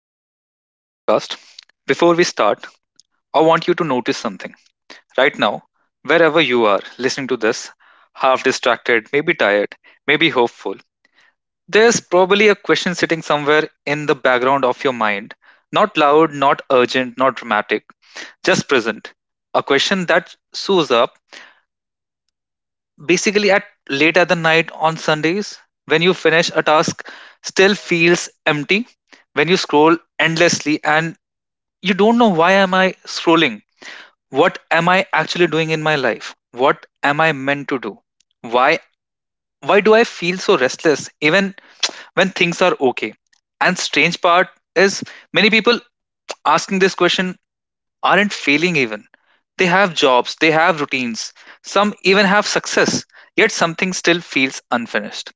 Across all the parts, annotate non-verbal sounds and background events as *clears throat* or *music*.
Welcome back to the podcast. Before we start, I want you to notice something. Right now, wherever you are listening to this, half distracted, maybe tired, maybe hopeful, there's probably a question sitting somewhere in the background of your mind. Not loud, not urgent, not dramatic, just present. A question that shows up basically at late at the night on Sundays when you finish a task still feels empty, when you scroll endlessly and you don't know, why am I scrolling? What am I actually doing in my life? What am I meant to do? Why why do I feel so restless even when things are okay? And strange part is, many people asking this question aren't failing. Even they have jobs, they have routines, some even have success, yet something still feels unfinished.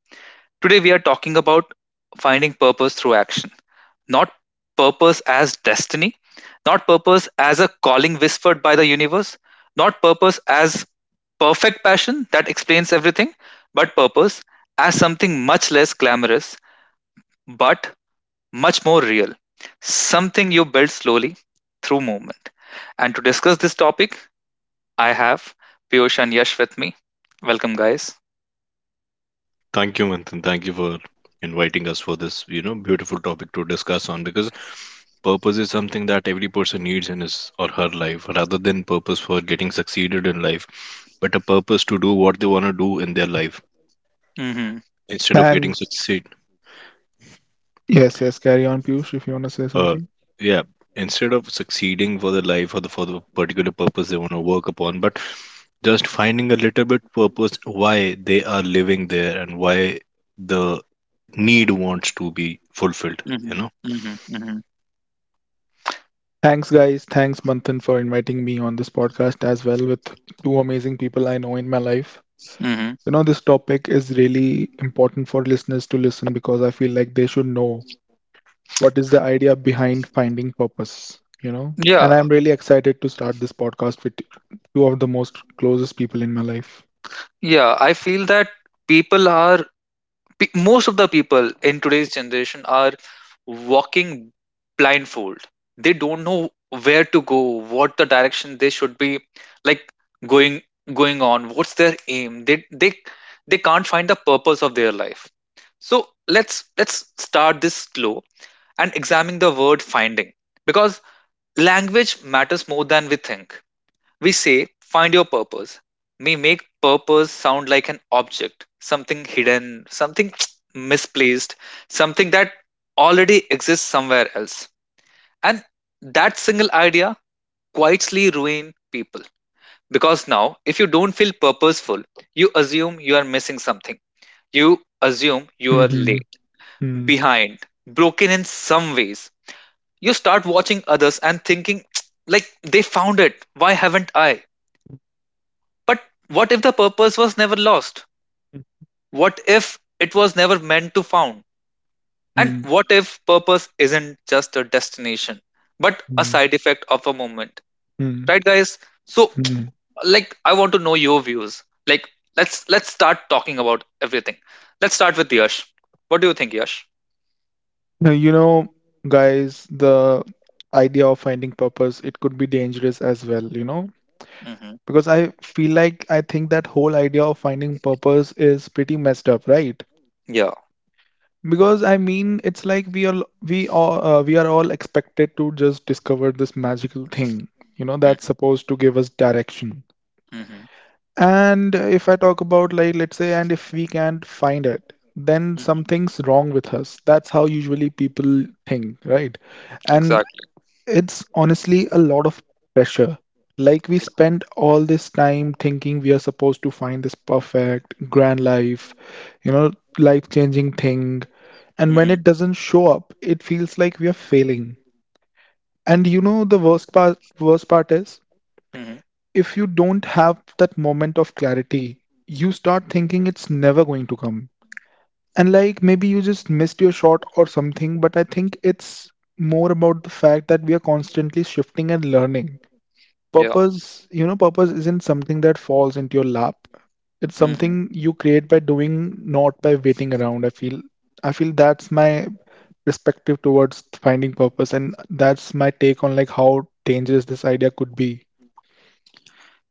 Today, we are talking about finding purpose through action. Not purpose as destiny, not purpose as a calling whispered by the universe, not purpose as perfect passion that explains everything, but purpose as something much less glamorous, but much more real. Something you build slowly through movement. And to discuss this topic, I have Piyush and Yash with me. Welcome, guys. Thank you, Manthan. Thank you for inviting us for this, beautiful topic to discuss on because purpose is something that every person needs in his or her life rather than purpose for getting succeeded in life, but a purpose to do what they want to do in their life Mm-hmm, instead of getting Thanks. succeed. Yes, yes, carry on, Piyush, if you want to say Uh, something. yeah, Instead of succeeding for the life or the for the particular purpose they want to work upon, but just finding a little bit purpose why they are living there and why the need wants to be fulfilled, mm-hmm, you know. mm-hmm, mm-hmm, Thanks, guys. Thanks, Manthan, for inviting me on this podcast as well with two amazing people I know in my life. mm-hmm. You know, this topic is really important for listeners to listen because I feel like they should know what is the idea behind finding purpose, you know? Yeah, And I'm really excited to start this podcast with two of the most closest people in my life. yeah. I feel that people are most of the people in today's generation are walking blindfold. They don't know where to go, what the direction they should be like going going on. What's their aim? They can't find the purpose of their life. So let's start this slow and examine the word finding, because language matters more than we think. We say, find your purpose. We make purpose sound like an object, something hidden, something *tsk* misplaced, something that already exists somewhere else. And that single idea quietly ruins people. Because now, if you don't feel purposeful, you assume you are missing something. You assume you are Mm-hmm. late, behind, broken in some ways. You start watching others and thinking, *tsk* like, they found it. Why haven't I? But what if the purpose was never lost? What if it was never meant to found? And Mm-hmm. what if purpose isn't just a destination, but a side effect of a moment? Mm-hmm. Right, guys? So, like, I want to know your views. Like, let's start talking about everything. Let's start with Yash. What do you think, Yash? Now, you know, guys, the idea of finding purpose, it could be dangerous as well, you know, Hmm. because I feel like I think that whole idea of finding purpose is pretty messed up, right? Yeah. Because I mean, it's like we all we are all expected to just discover this magical thing, you know, that's supposed to give us direction. Mm-hmm. And if I talk about, like, let's say, and if we can't find it, then Hmm. something's wrong with us. That's how usually people think, right? and Exactly. It's honestly a lot of pressure. Like, we Yeah. spend all this time thinking we are supposed to find this perfect, grand life, you know, life-changing thing. And when Mm-hmm. it doesn't show up, it feels like we are failing. And you know the worst part is, Hmm. if you don't have that moment of clarity, you start thinking it's never going to come. And, like, maybe you just missed your shot or something, but I think it's more about the fact that we are constantly shifting and learning Yeah. purpose. You know, purpose isn't something that falls into your lap, it's Hmm. something you create by doing, not by waiting around. I feel that's my perspective towards finding purpose, and that's my take on, like, how dangerous this idea could be.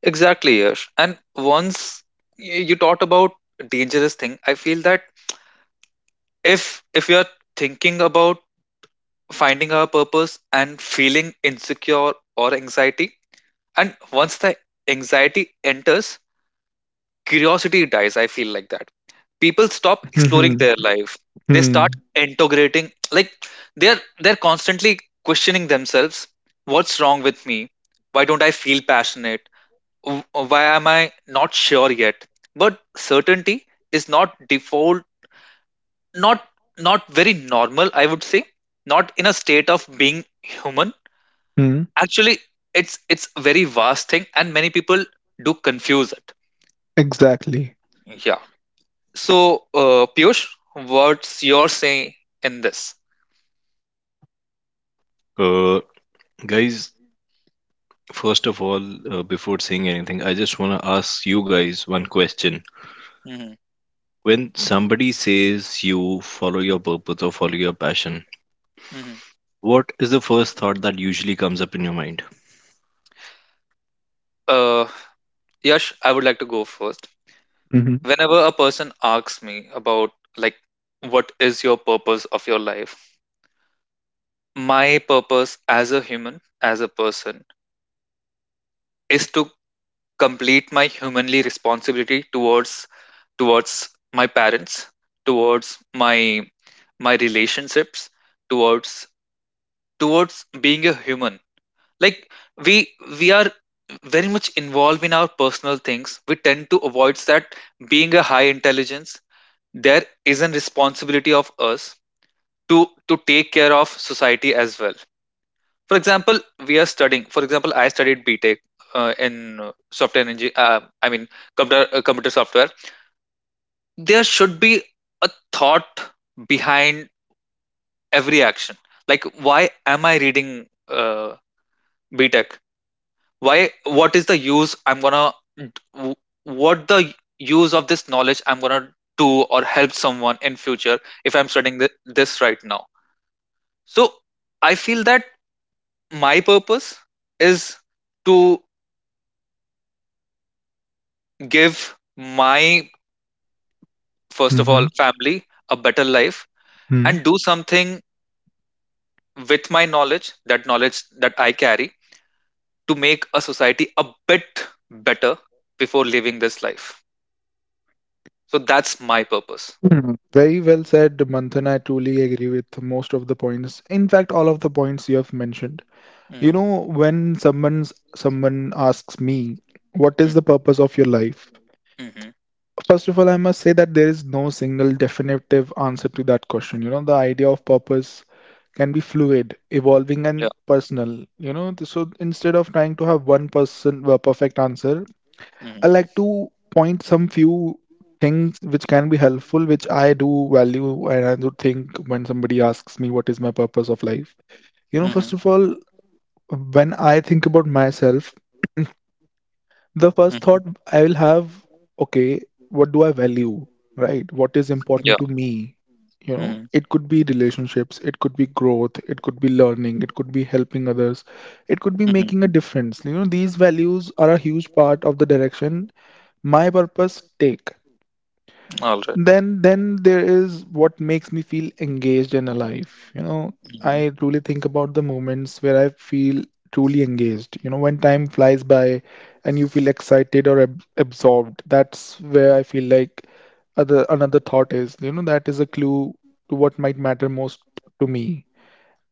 Exactly, Yash. And once you talked about dangerous thing, I feel that if you're thinking about finding our purpose and feeling insecure or anxiety, and once the anxiety enters, curiosity dies. I feel like that people stop exploring Mm-hmm. their life. They Mm-hmm. start integrating, like they're constantly questioning themselves, what's wrong with me? Why don't I feel passionate? W- why am I not sure yet? But certainty is not default, not not very normal, I would say, not in a state of being human. Actually, it's a very vast thing, and many people do confuse it. Exactly. Yeah. So Piyush, what's your say in this? Uh, Guys, first of all, before saying anything, I just want to ask you guys one question. Hmm, When somebody says you follow your purpose or follow your passion, hmm. what is the first thought that usually comes up in your mind? Uh, Yash, I would like to go first. Mm-hmm. Whenever a person asks me about, like, what is your purpose of your life? My purpose as a human, as a person, is to complete my humanly responsibility towards, towards my parents, towards my relationships, towards towards being a human. Like, we we are very much involved in our personal things, we tend to avoid that. Being a high intelligence, there is a responsibility of us to, take care of society as well. For example, we are studying, for example, I studied BTech, in software engineering. I mean, computer, computer software. There should be a thought behind every action. Like, why am I reading uh, BTech? Why, what is the use I'm gonna, what the use of this knowledge I'm gonna do, or help someone in future, if I'm studying this right now? So I feel that my purpose is to give my, first of all, Mm-hmm. family a better life, and do something with my knowledge, that knowledge that I carry, to make a society a bit better before living this life. So that's my purpose. Mm-hmm. Very well said, Manthan. I truly agree with most of the points. In fact, all of the points you have mentioned. You Mhm, know, when someone asks me, what is mhm, the purpose of your life? mhm. First of all, I must say that there is no single definitive answer to that question. You know, the idea of purpose can be fluid, evolving, Yeah. and personal. You know, so instead of trying to have one person a perfect answer, I Mhm, like to point some few things which can be helpful, which I do value and I do think when somebody asks me what is my purpose of life. You know, mhm. first of all, when I think about myself, the first mhm, thought I will have, okay, what do I value, right? What is important yeah. to me? You know, Mhm. it could be relationships, it could be growth, it could be learning, it could be helping others, it could be mhm, making a difference. You know, these values are a huge part of the direction my purpose take. all right Then there is what makes me feel engaged and alive. You know, Mhm. I truly think about the moments where I feel truly engaged. You know, when time flies by and you feel excited or ab absorbed, that's where I feel like other another thought is. You know, that is a clue to what might matter most to me.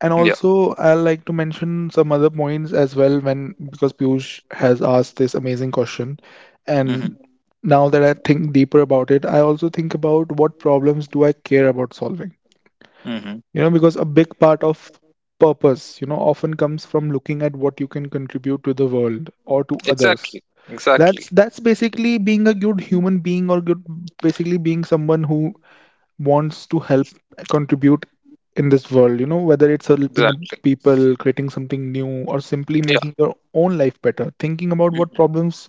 And Yeah. also, I like to mention some other points as well when because Piyush has asked this amazing question. Mhm, And now that I think deeper about it, I also think about what problems do I care about solving? mhm. You know, because a big part of purpose, you know, often comes from looking at what you can contribute to the world or to others. Exactly, exactly. That's basically being a good human being, or good, basically being someone who wants to help, contribute in this world, you know, whether it's helping up Exactly. people, creating something new, or simply Yeah. making your own life better, thinking about what Mhm. problems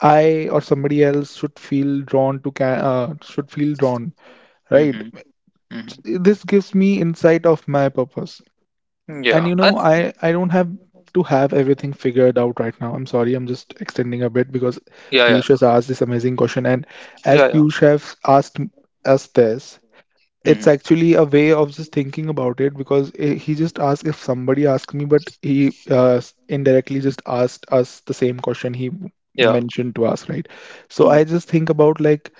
I or somebody else should feel drawn to should feel drawn, right? Mhm, mhm. This gives me insight of my purpose. And Yeah, you know, and I don't have to have everything figured out right now. I'm sorry, I'm just extending a bit because yeah, yeah. Piyush has asked this amazing question. And as Yeah, yeah. Piyush has asked us this, it's Mhm. actually a way of just thinking about it because, I, he just asked if somebody asked me, but he indirectly just asked us the same question he Yeah. mentioned to us, right? So Mm. I just think about, like,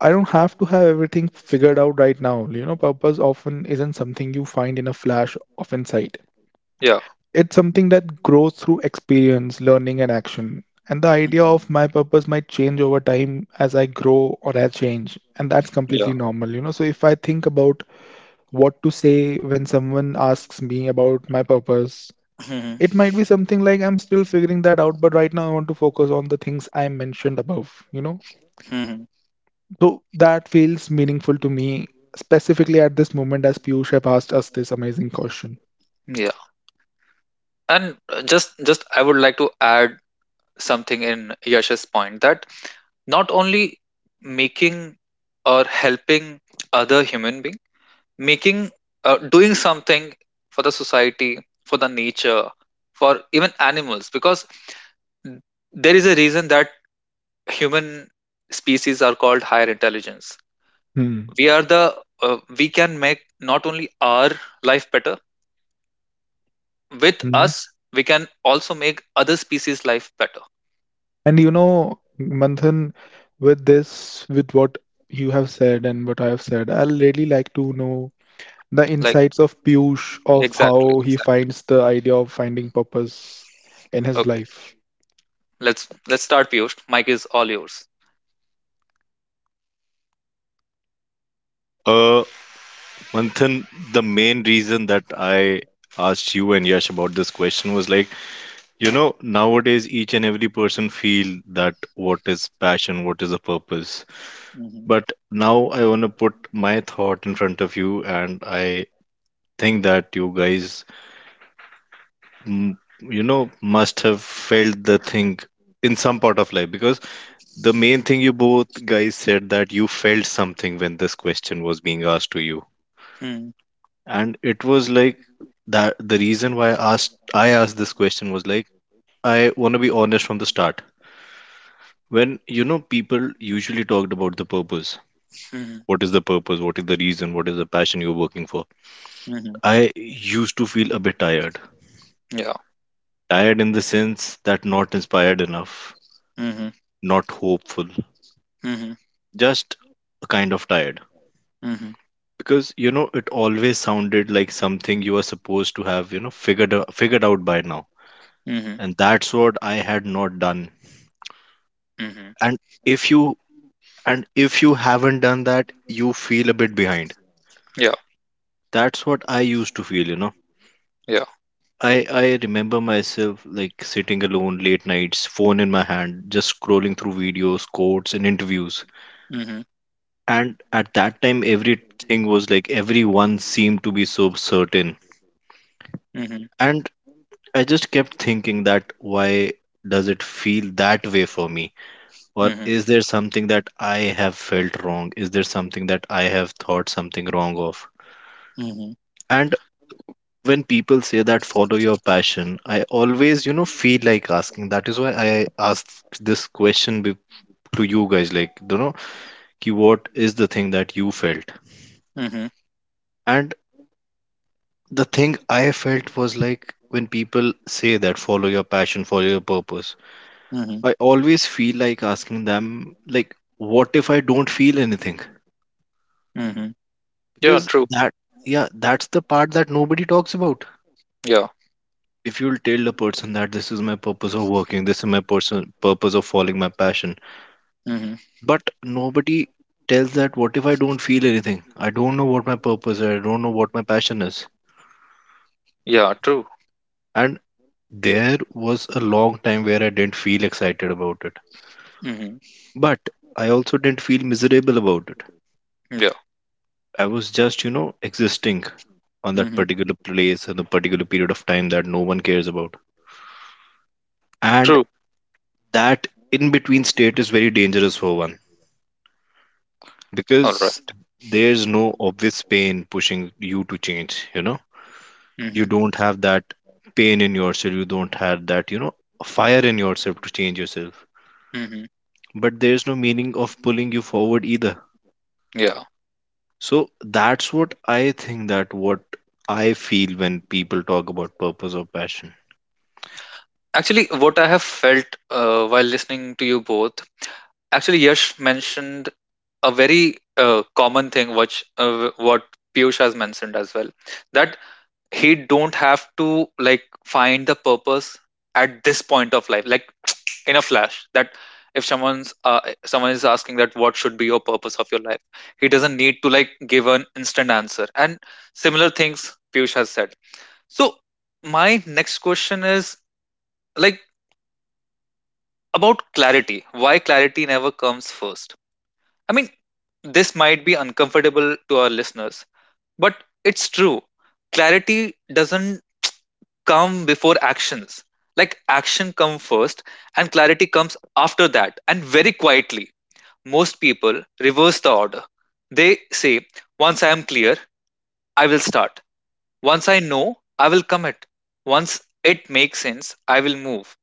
I don't have to have everything figured out right now. You know, purpose often isn't something you find in a flash of insight. Yeah. It's something that grows through experience, learning, and action. And the idea of Mhm. my purpose might change over time as I grow or I change. And that's Yeah. completely normal, you know. So if I think about what to say when someone asks me about my purpose. Mhm, It might be something like, I'm still figuring that out, but right now I want to focus on the things I mentioned above, you know? mhm. So that feels meaningful to me, specifically at this moment as Piyush have asked us this amazing question. Yeah. And just I would like to add something in Yash's point, that not only making or helping other human being, making doing something for the society, for the nature, for even animals, because n- there is a reason that human species are called higher intelligence. Hmm. We are the uh, we can make not only our life better with Hmm. us, we can also make other species life better. And you know, Manthan, with this, with what you have said and what I have said, I'll really like to know the Like, insights of Piyush of exactly, how he exactly. finds the idea of finding purpose in his Okay, life. let's start. Piyush, mike is all yours. Uh, Manthan, the main reason that I asked you and Yash about this question was like, you know, nowadays each and every person feel that what is passion, what is a purpose. But now I want to put my thought in front of you, and I think that you guys, you know, must have felt the thing in some part of life because the main thing you both guys said that you felt something when this question was being asked to you. Hmm. And it was like that the reason why I asked this question was like I want to be honest from the start. When you know people usually talked about the purpose. Hmm, What is the purpose? What is the reason? What is the passion you're working for? hmm, hmm. I used to feel a bit tired. Yeah. Tired in the sense that not inspired enough, Hmm, hmm. not hopeful, Hmm, hmm, just a kind of tired. hmm. Because you know, it always sounded like something you were supposed to have, figured out by now. Hmm, And that's what I had not done. hmm, hmm. And if you if you haven't done that, you feel a bit behind. Yeah, That's what I used to feel, you know. yeah. I remember myself like sitting alone late nights, phone in my hand, just scrolling through videos, quotes, and interviews, hmm and at that time everything was like everyone seemed to be so certain, hmm hmm, and I just kept thinking that why does it feel that way for me, hmm. or Hmm, is there something that I have felt wrong, is there something that I have thought something wrong of? hmm, hmm. And when people say that follow your passion, I always you know feel like asking, that is why I asked this question to you guys, like, you know, ki what is the thing that you felt? Hmm, hmm, And the thing I felt was like when people say that follow your passion, follow your purpose, hmm, I always feel like asking them, like, what if I don't feel anything? hmm, hmm. Yeah, Because true. that, yeah, that's the part that nobody talks about. Yeah. If you'll tell a person that this is my purpose of working, this is my person purpose of following my passion, Hmm, hmm. but nobody tells that what if I don't feel anything? I don't know what my purpose is, I don't know what my passion is. Yeah, true. And there was a long time where I didn't feel excited about it. Hmm, hmm. But I also didn't feel miserable about it. Yeah. I was just, you know, existing on that Mhm. particular place and the particular period of time that no one cares about. And True. that in between state is very dangerous for one All because right. there's no obvious pain pushing you to change, you know. You Mhm. don't have that pain in yourself, you don't have that, you know, fire in yourself to change yourself. Mhm. But there's no meaning of pulling you forward either. Yeah. So that's what I think, that what I feel when people talk about purpose or passion. Actually, what I have felt while listening to you both, actually, Yash mentioned a very common thing, which what Piyush has mentioned as well, that he don't have to like find the purpose at this point of life, like *tsk* in a flash. That if someone is asking that what should be your purpose of your life, he doesn't need to like give an instant answer. And similar things Piyush has said. So my next question is, like, about clarity. Why clarity never comes first? I mean, this might be uncomfortable to our listeners, but it's true. Clarity doesn't come before actions. Like, action come first, and clarity comes after that, and very quietly. Most people reverse the order. They say, once I am clear, I will start. Once I know, I will commit. Once it makes sense, I will move.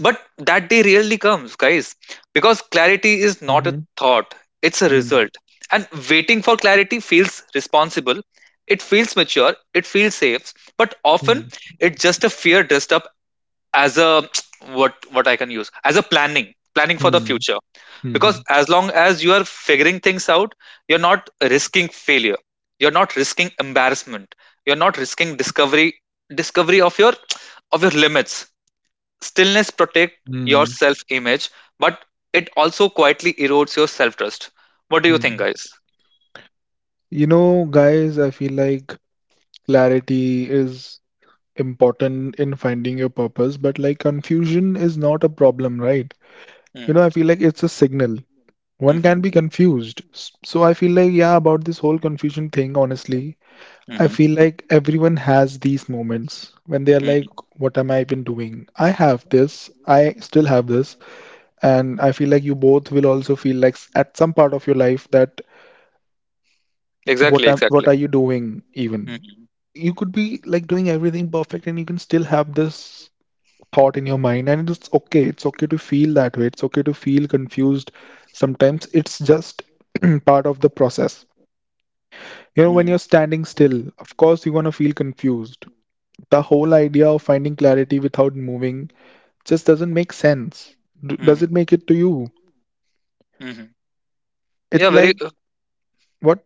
But that day really comes, guys, because clarity is not a Mm-hmm. thought, it's a Mm-hmm. result. And waiting for clarity feels responsible, it feels mature, it feels safe, but often it's just a fear dressed up as a, *tsk* what I can use as a planning, for the Mm-hmm. future. Because as long as you are figuring things out, you're not risking failure, you're not risking embarrassment, you're not risking discovery of your *tsk* of your limits. Stillness protect your Mm-hmm. self image, but it also quietly erodes your self trust. What do you think, hmm guys? You know, guys, I feel like clarity is important in finding your purpose, but, like, confusion is not a problem, right? You know, Mm, I feel like it's a signal. One hmm, can be confused. So I feel like, yeah, about this whole confusion thing, honestly, I hmm, feel like everyone has these moments when they are like, hmm. what am I even doing? I have this, I still have this, and I feel like you both will also feel like at some part of your life that Exactly, exactly. what are you doing even? Mm-hmm, You could be like doing everything perfect and you can still have this thought in your mind and it's okay. It's okay to feel that way. It's okay to feel confused. Sometimes it's just *clears throat* part of the process. You know, when you're standing still, of course, you're going to feel confused. The whole idea of finding clarity without moving just doesn't make sense. Does it hmm, make it to you? hmm. Yeah, It's very. like, what?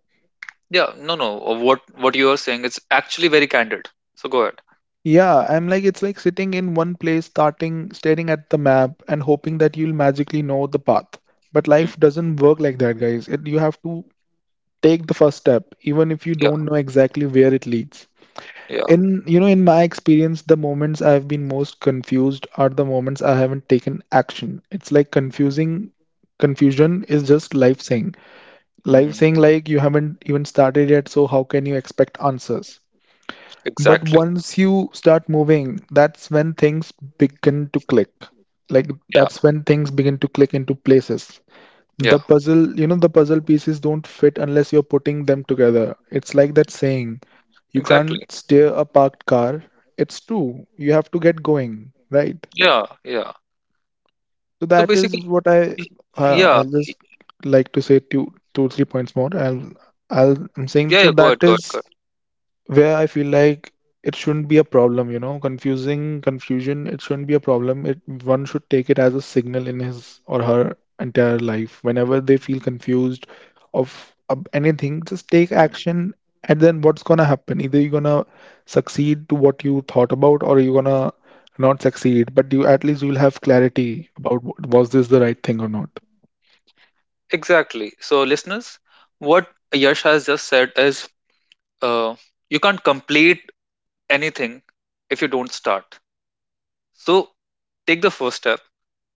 Yeah, no, no. What you are saying is actually very candid. So go ahead. Yeah, I'm like, it's like sitting in one place, starting, staring at the map, and hoping that you'll magically know the path. But life Hmm. doesn't work like that, guys. It, you have to take the first step, even if you Yeah, don't know exactly where it leads. yeah. In, you know, in my experience, the moments I've been most confused are the moments I haven't taken action. It's like Hmm, confusing confusion is just life saying life hmm. saying like, you haven't even started yet, so how can you expect answers? But Exactly. once you start moving, that's when things begin to click. Yeah, Into places. yeah. The puzzle, you know, the puzzle pieces don't fit unless you're putting them together. It's like that saying, you Exactly. can't steer a parked car. It's true. You have to get going, right? Yeah, yeah. So So that is basically, what I, y- yeah, I'll just like to say two two three points more. I'm saying, yeah, so yeah, go that ahead, go ahead, is go where I feel like it shouldn't be a problem, you know, confusing confusion, it shouldn't be a problem. It, one should take it as a signal in his or her entire life. Whenever they feel confused of anything, just take ahead. Mm. action, and then what's gonna happen? Either you're gonna succeed to what you thought about or you're gonna not succeed, but you at least you'll have clarity about what, was this the right thing or not. Exactly. So, listeners, what Yash has just said is, uh, you can't complete anything if you don't start. So, take the first step,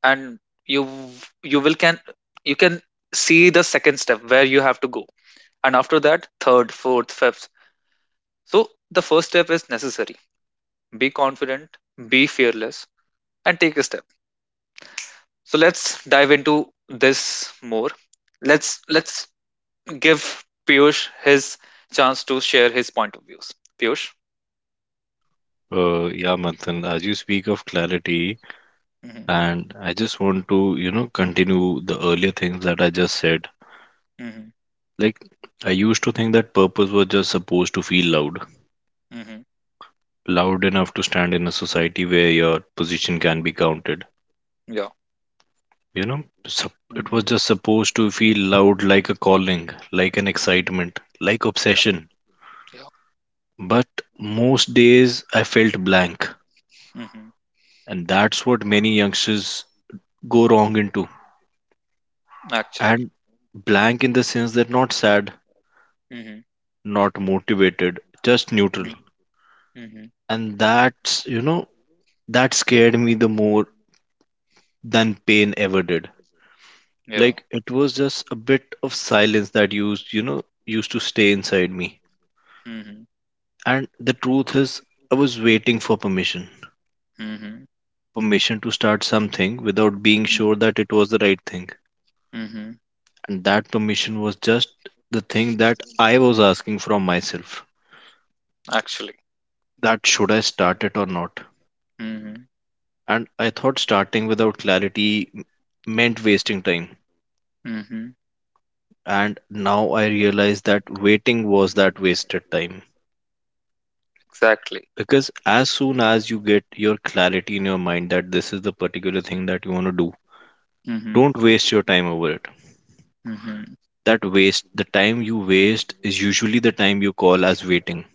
and you you will can you can see the second step where you have to go, and after that, third, fourth, fifth. So, the first step is necessary. Be confident, be fearless, and take a step. So let's dive into this more. Let's give Piyush his chance to share his point of views. Piyush. Yeah, Manthan, as you speak of clarity, Mhm, and I just want to, continue the earlier things that I just said. mhm, Like, I used to think that purpose was just supposed to feel loud, mhm. loud enough to stand in a society where your position can be counted. Yeah. You know, it was Mhm, just supposed to feel loud, like a calling, like an mhm. excitement, like Yeah. obsession. Yeah. But most days I felt blank, Mhm. and that's what many youngsters go wrong into. Actually. And blank in the sense that not sad, Mhm, not motivated, just neutral. mhm, mhm. And that's, you know, that scared me the more than pain ever did. Yeah. Like it was just a bit of silence that used to stay inside me. Mhm, And the truth is, I was waiting for permission. mhm. Permission to start something without being Mm. sure that it was the right thing. Mhm. And that permission was just the thing that I was asking from myself. Actually. That should I start it or not? Mhm. And I thought starting without clarity meant wasting time. Mhm. And now I realize that waiting was that wasted time. Exactly. Because as soon as you get your clarity in your mind that this is the particular thing that you want to do, Mhm. don't waste your time over it. Mhm. That waste, the time you waste is usually the time you call as waiting.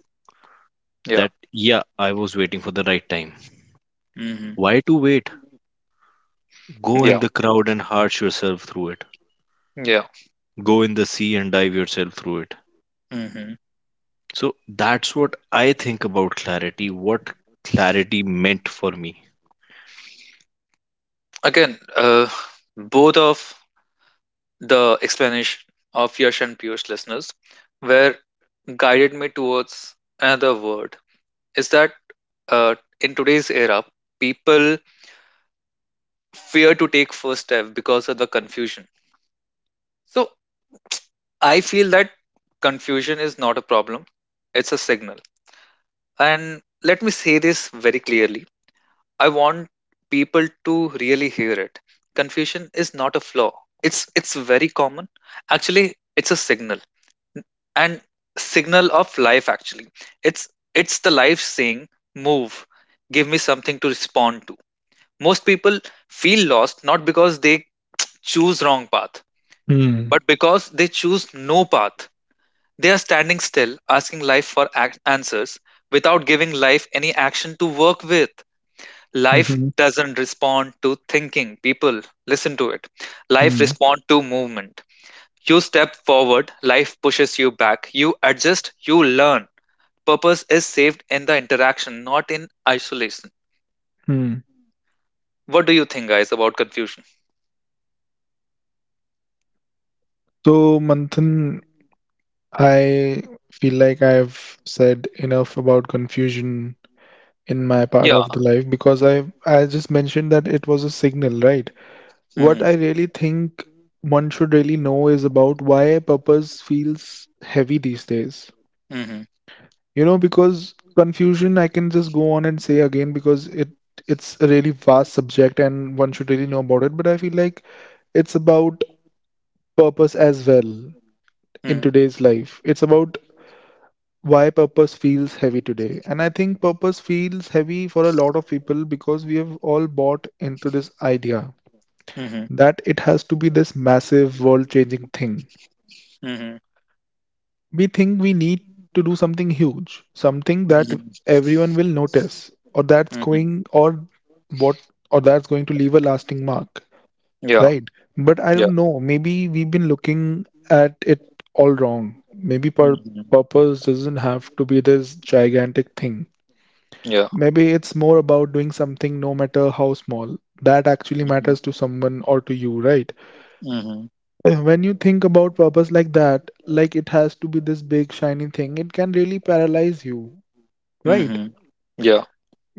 Yeah. That, yeah, I was waiting for the right time. Mhm. Why to wait? Go Yeah. in the crowd and harsh yourself through it. Yeah. Go in the sea and dive yourself through it. Mhm. So that's what I think about clarity, what clarity meant for me. Again, both of the explanation of Yash and Piyush, listeners, where guided me towards another word, is that uh, in today's era, people fear to take first step because of the confusion. So I feel that confusion is not a problem; it's a signal. And let me say this very clearly: I want people to really hear it. Confusion is not a flaw; it's very common. Actually, it's a signal, and signal of life. Actually, it's the life saying, move, give me something to respond to. Most people feel lost, not because they choose wrong path, Hmm. but because they choose no path. They are standing still, asking life for answers without giving life any action to work with. Life Mm-hmm. doesn't respond to thinking people, listen to it. Life Hmm. respond to movement. You step forward, life pushes you back, you adjust, you learn. Purpose is saved in the interaction, not in isolation. Hmm. What do you think, guys, about confusion? So, Manthan, I feel like I've said enough about confusion in my part Yeah. of the life because I just mentioned that it was a signal, right? What Mm-hmm. I really think one should really know is about why purpose feels heavy these days. Mm-hmm. You know, because confusion I can just go on and say again because it's a really vast subject and one should really know about it, but I feel like it's about purpose as well in today's life. It's about why purpose feels heavy today. And I think purpose feels heavy for a lot of people because we have all bought into this idea Mm-hmm. that it has to be this massive world changing thing. Mm-hmm. We think we need to do something huge, something that Mm-hmm. everyone will notice, or that's Hmm. going, what or that's going to leave a lasting mark, Yeah. right? But I Yeah. don't know, maybe we've been looking at it all wrong. Maybe Mm-hmm. purpose doesn't have to be this gigantic thing. Yeah. Maybe it's more about doing something, no matter how small, that actually Mm-hmm. matters to someone or to you, right? Mm-hmm. When you think about purpose like that, like it has to be this big shiny thing, it can really paralyze you, right? Mm-hmm. Yeah.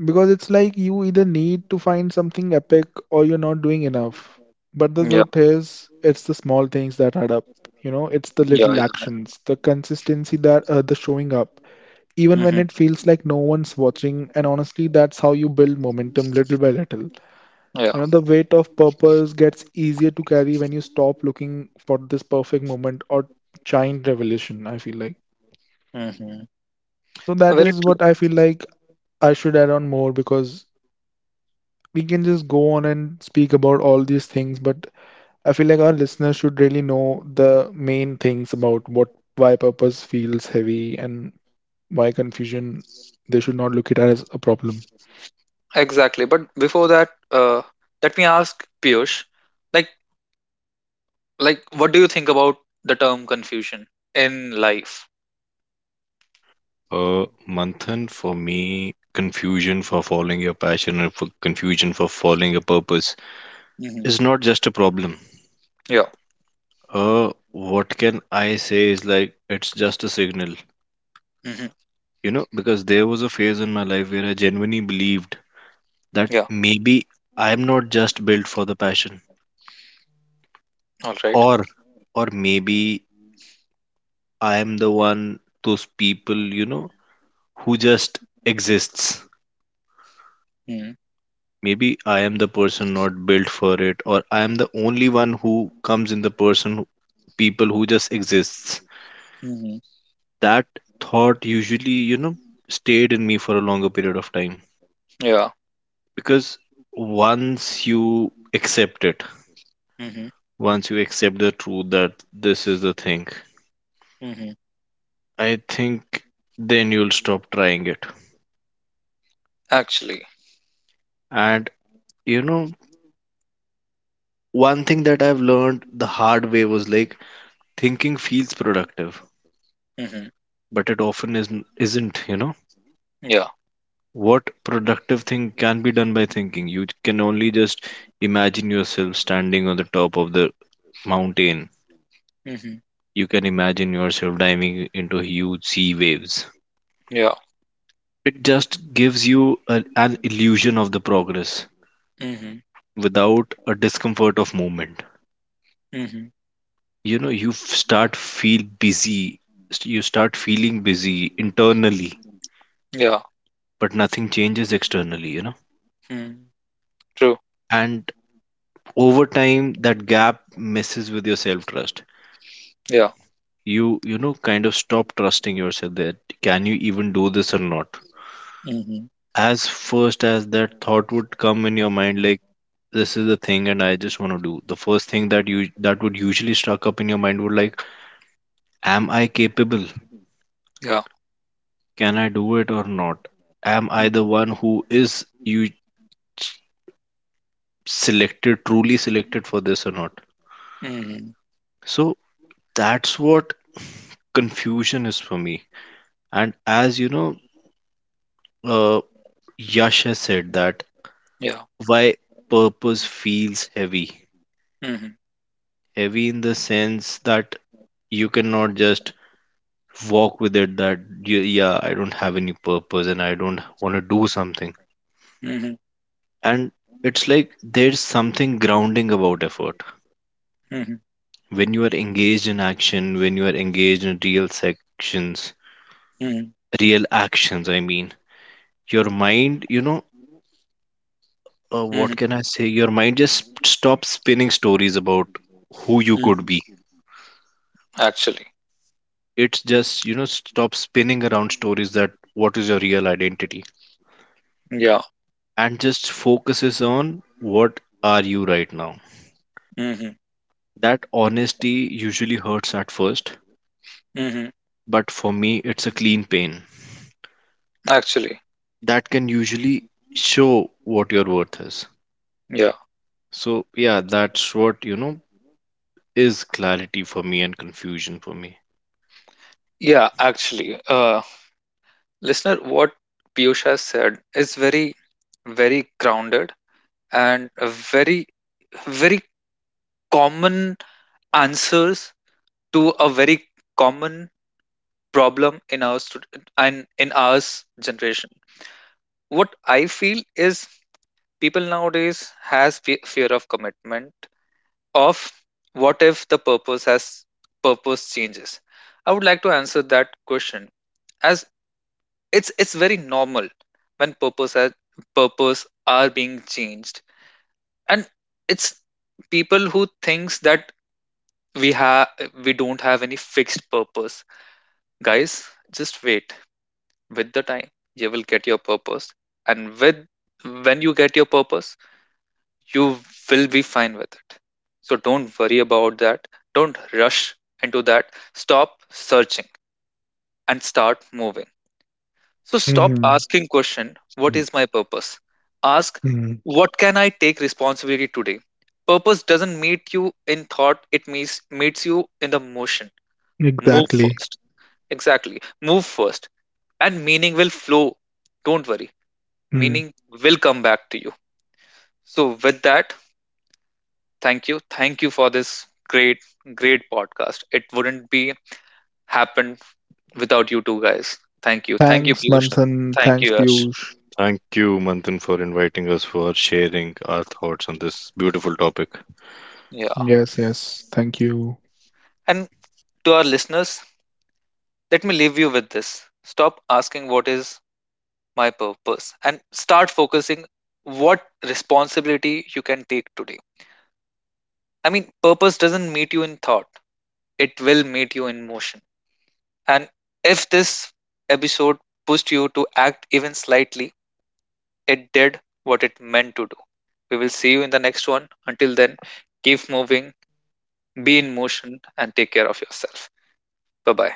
Because it's like you either need to find something epic or you're not doing enough. But the Yeah. truth is, it's the small things that add up. You know, it's the Yeah. little Yeah. actions, the consistency that the showing up, even when Mm-hmm. it feels like no one's watching. And honestly, that's how you build momentum, little by little. You Yeah. know, the weight of purpose gets easier to carry when you stop looking for this perfect moment or giant revelation, I feel like. Mm-hmm. So that Very is true. what I feel like I should add on more because we can just go on and speak about all these things, but I feel like our listeners should really know the main things about what, why purpose feels heavy, and why confusion, they should not look it as a problem. Exactly. But before that, let me ask Piyush, like, what do you think about the term confusion in life? Manthan, for me, confusion for following your passion and for confusion for following your purpose Mm-hmm. is not just a problem. Yeah. What can I say is, like, it's just a signal, Hmm. you know, because there was a phase in my life where I genuinely believed that Yeah. maybe I'm not just built for the passion. All right. or or maybe I am the one those people, you know, who just exists. Mm-hmm. Maybe I am the person not built for it, or I am the only one who comes in people who just exists. Mm-hmm. That thought usually, you know, stayed in me for a longer period of time, Yeah. because once you accept it, Hmm. once you accept the truth that this is the thing, Hmm. I think, then you'll stop trying it. Actually. And, you know, one thing that I've learned the hard way was, like, thinking feels productive, Hmm. but it often isn't, you know? Yeah. What productive thing can be done by thinking? You can only just imagine yourself standing on the top of the mountain. Hmm. You can imagine yourself diving into huge sea waves. Yeah. It just gives you a, an illusion of the progress Hmm. without a discomfort of movement. Hmm. You know, start feel busy. You start feeling busy internally, Yeah. but nothing changes externally, you know. Mm. True. And over time that gap messes with your self trust. Yeah. You know kind of stop trusting yourself, that can you even do this or not. Mm-hmm. As first as that thought would come in your mind, like, this is the thing and I just want to do, the first thing that you that would usually struck up in your mind would, like, am I capable, Yeah. can I do it or not, am I Hmm. the one who is you selected, truly selected for this or not? Hmm. So that's what confusion is for me. And as you know, uh, Yash has said that Yeah. why purpose feels heavy. Hmm. Heavy in the sense that you cannot just walk with it, that, yeah, I don't have any purpose and I don't want to do something. Hmm. And it's like there's something grounding about effort. Hmm. When you are engaged in action, when you are engaged in real sections, Hmm. real actions, I mean, your mind, you know, what can I say? Your mind just stops spinning stories about who you could Hmm. be. Actually. It's just, you know, stops spinning around stories that what is your real identity Yeah. and just focuses on what are you right now. Hmm. That honesty usually hurts at first, Hmm. but for me, it's a clean pain Actually. that can usually show what your worth is. Yeah. So, yeah, that's what, you know, is clarity for me and confusion for me. Yeah. Actually, listener, what Piyush has said is very very grounded, and a very very common answers to a very common problem in our student and in our generation. What I feel is, people nowadays has fear of commitment. Of what if the purpose changes? I would like to answer that question as, it's very normal when purpose are being changed. And it's people who thinks that we have we don't have any fixed purpose. Guys, just wait. With the time, you will get your purpose, and with when you get your purpose, you will be fine with it. So don't worry about that. Don't rush into that. Stop searching and start moving. So stop Hmm asking question, what is my purpose? Ask, Mm, what can I take responsibility today? Purpose doesn't meet you in thought, it meets you in the motion. Move exactly. first. Exactly. Move first. And meaning will flow. Don't worry. Hmm. Meaning will come back to you. So with that, thank you. Thank you for this great, great podcast. It wouldn't be happened without you two guys. Thank you. Thank you, Thanks, Piyush. Manthan. Thank Thanks, you, Ash. Piyush. Thank you, Manthan, for inviting us for sharing our thoughts on this beautiful topic. Yeah. Yes, yes. Thank you. And to our listeners, let me leave you with this. Stop asking what is my purpose, and start focusing what responsibility you can take today. I mean, purpose doesn't meet you in thought, it will meet you in motion. And if this episode pushed you to act even slightly, it did what it meant to do. We will see you in the next one. Until then, keep moving, be in motion, and take care of yourself. Bye bye.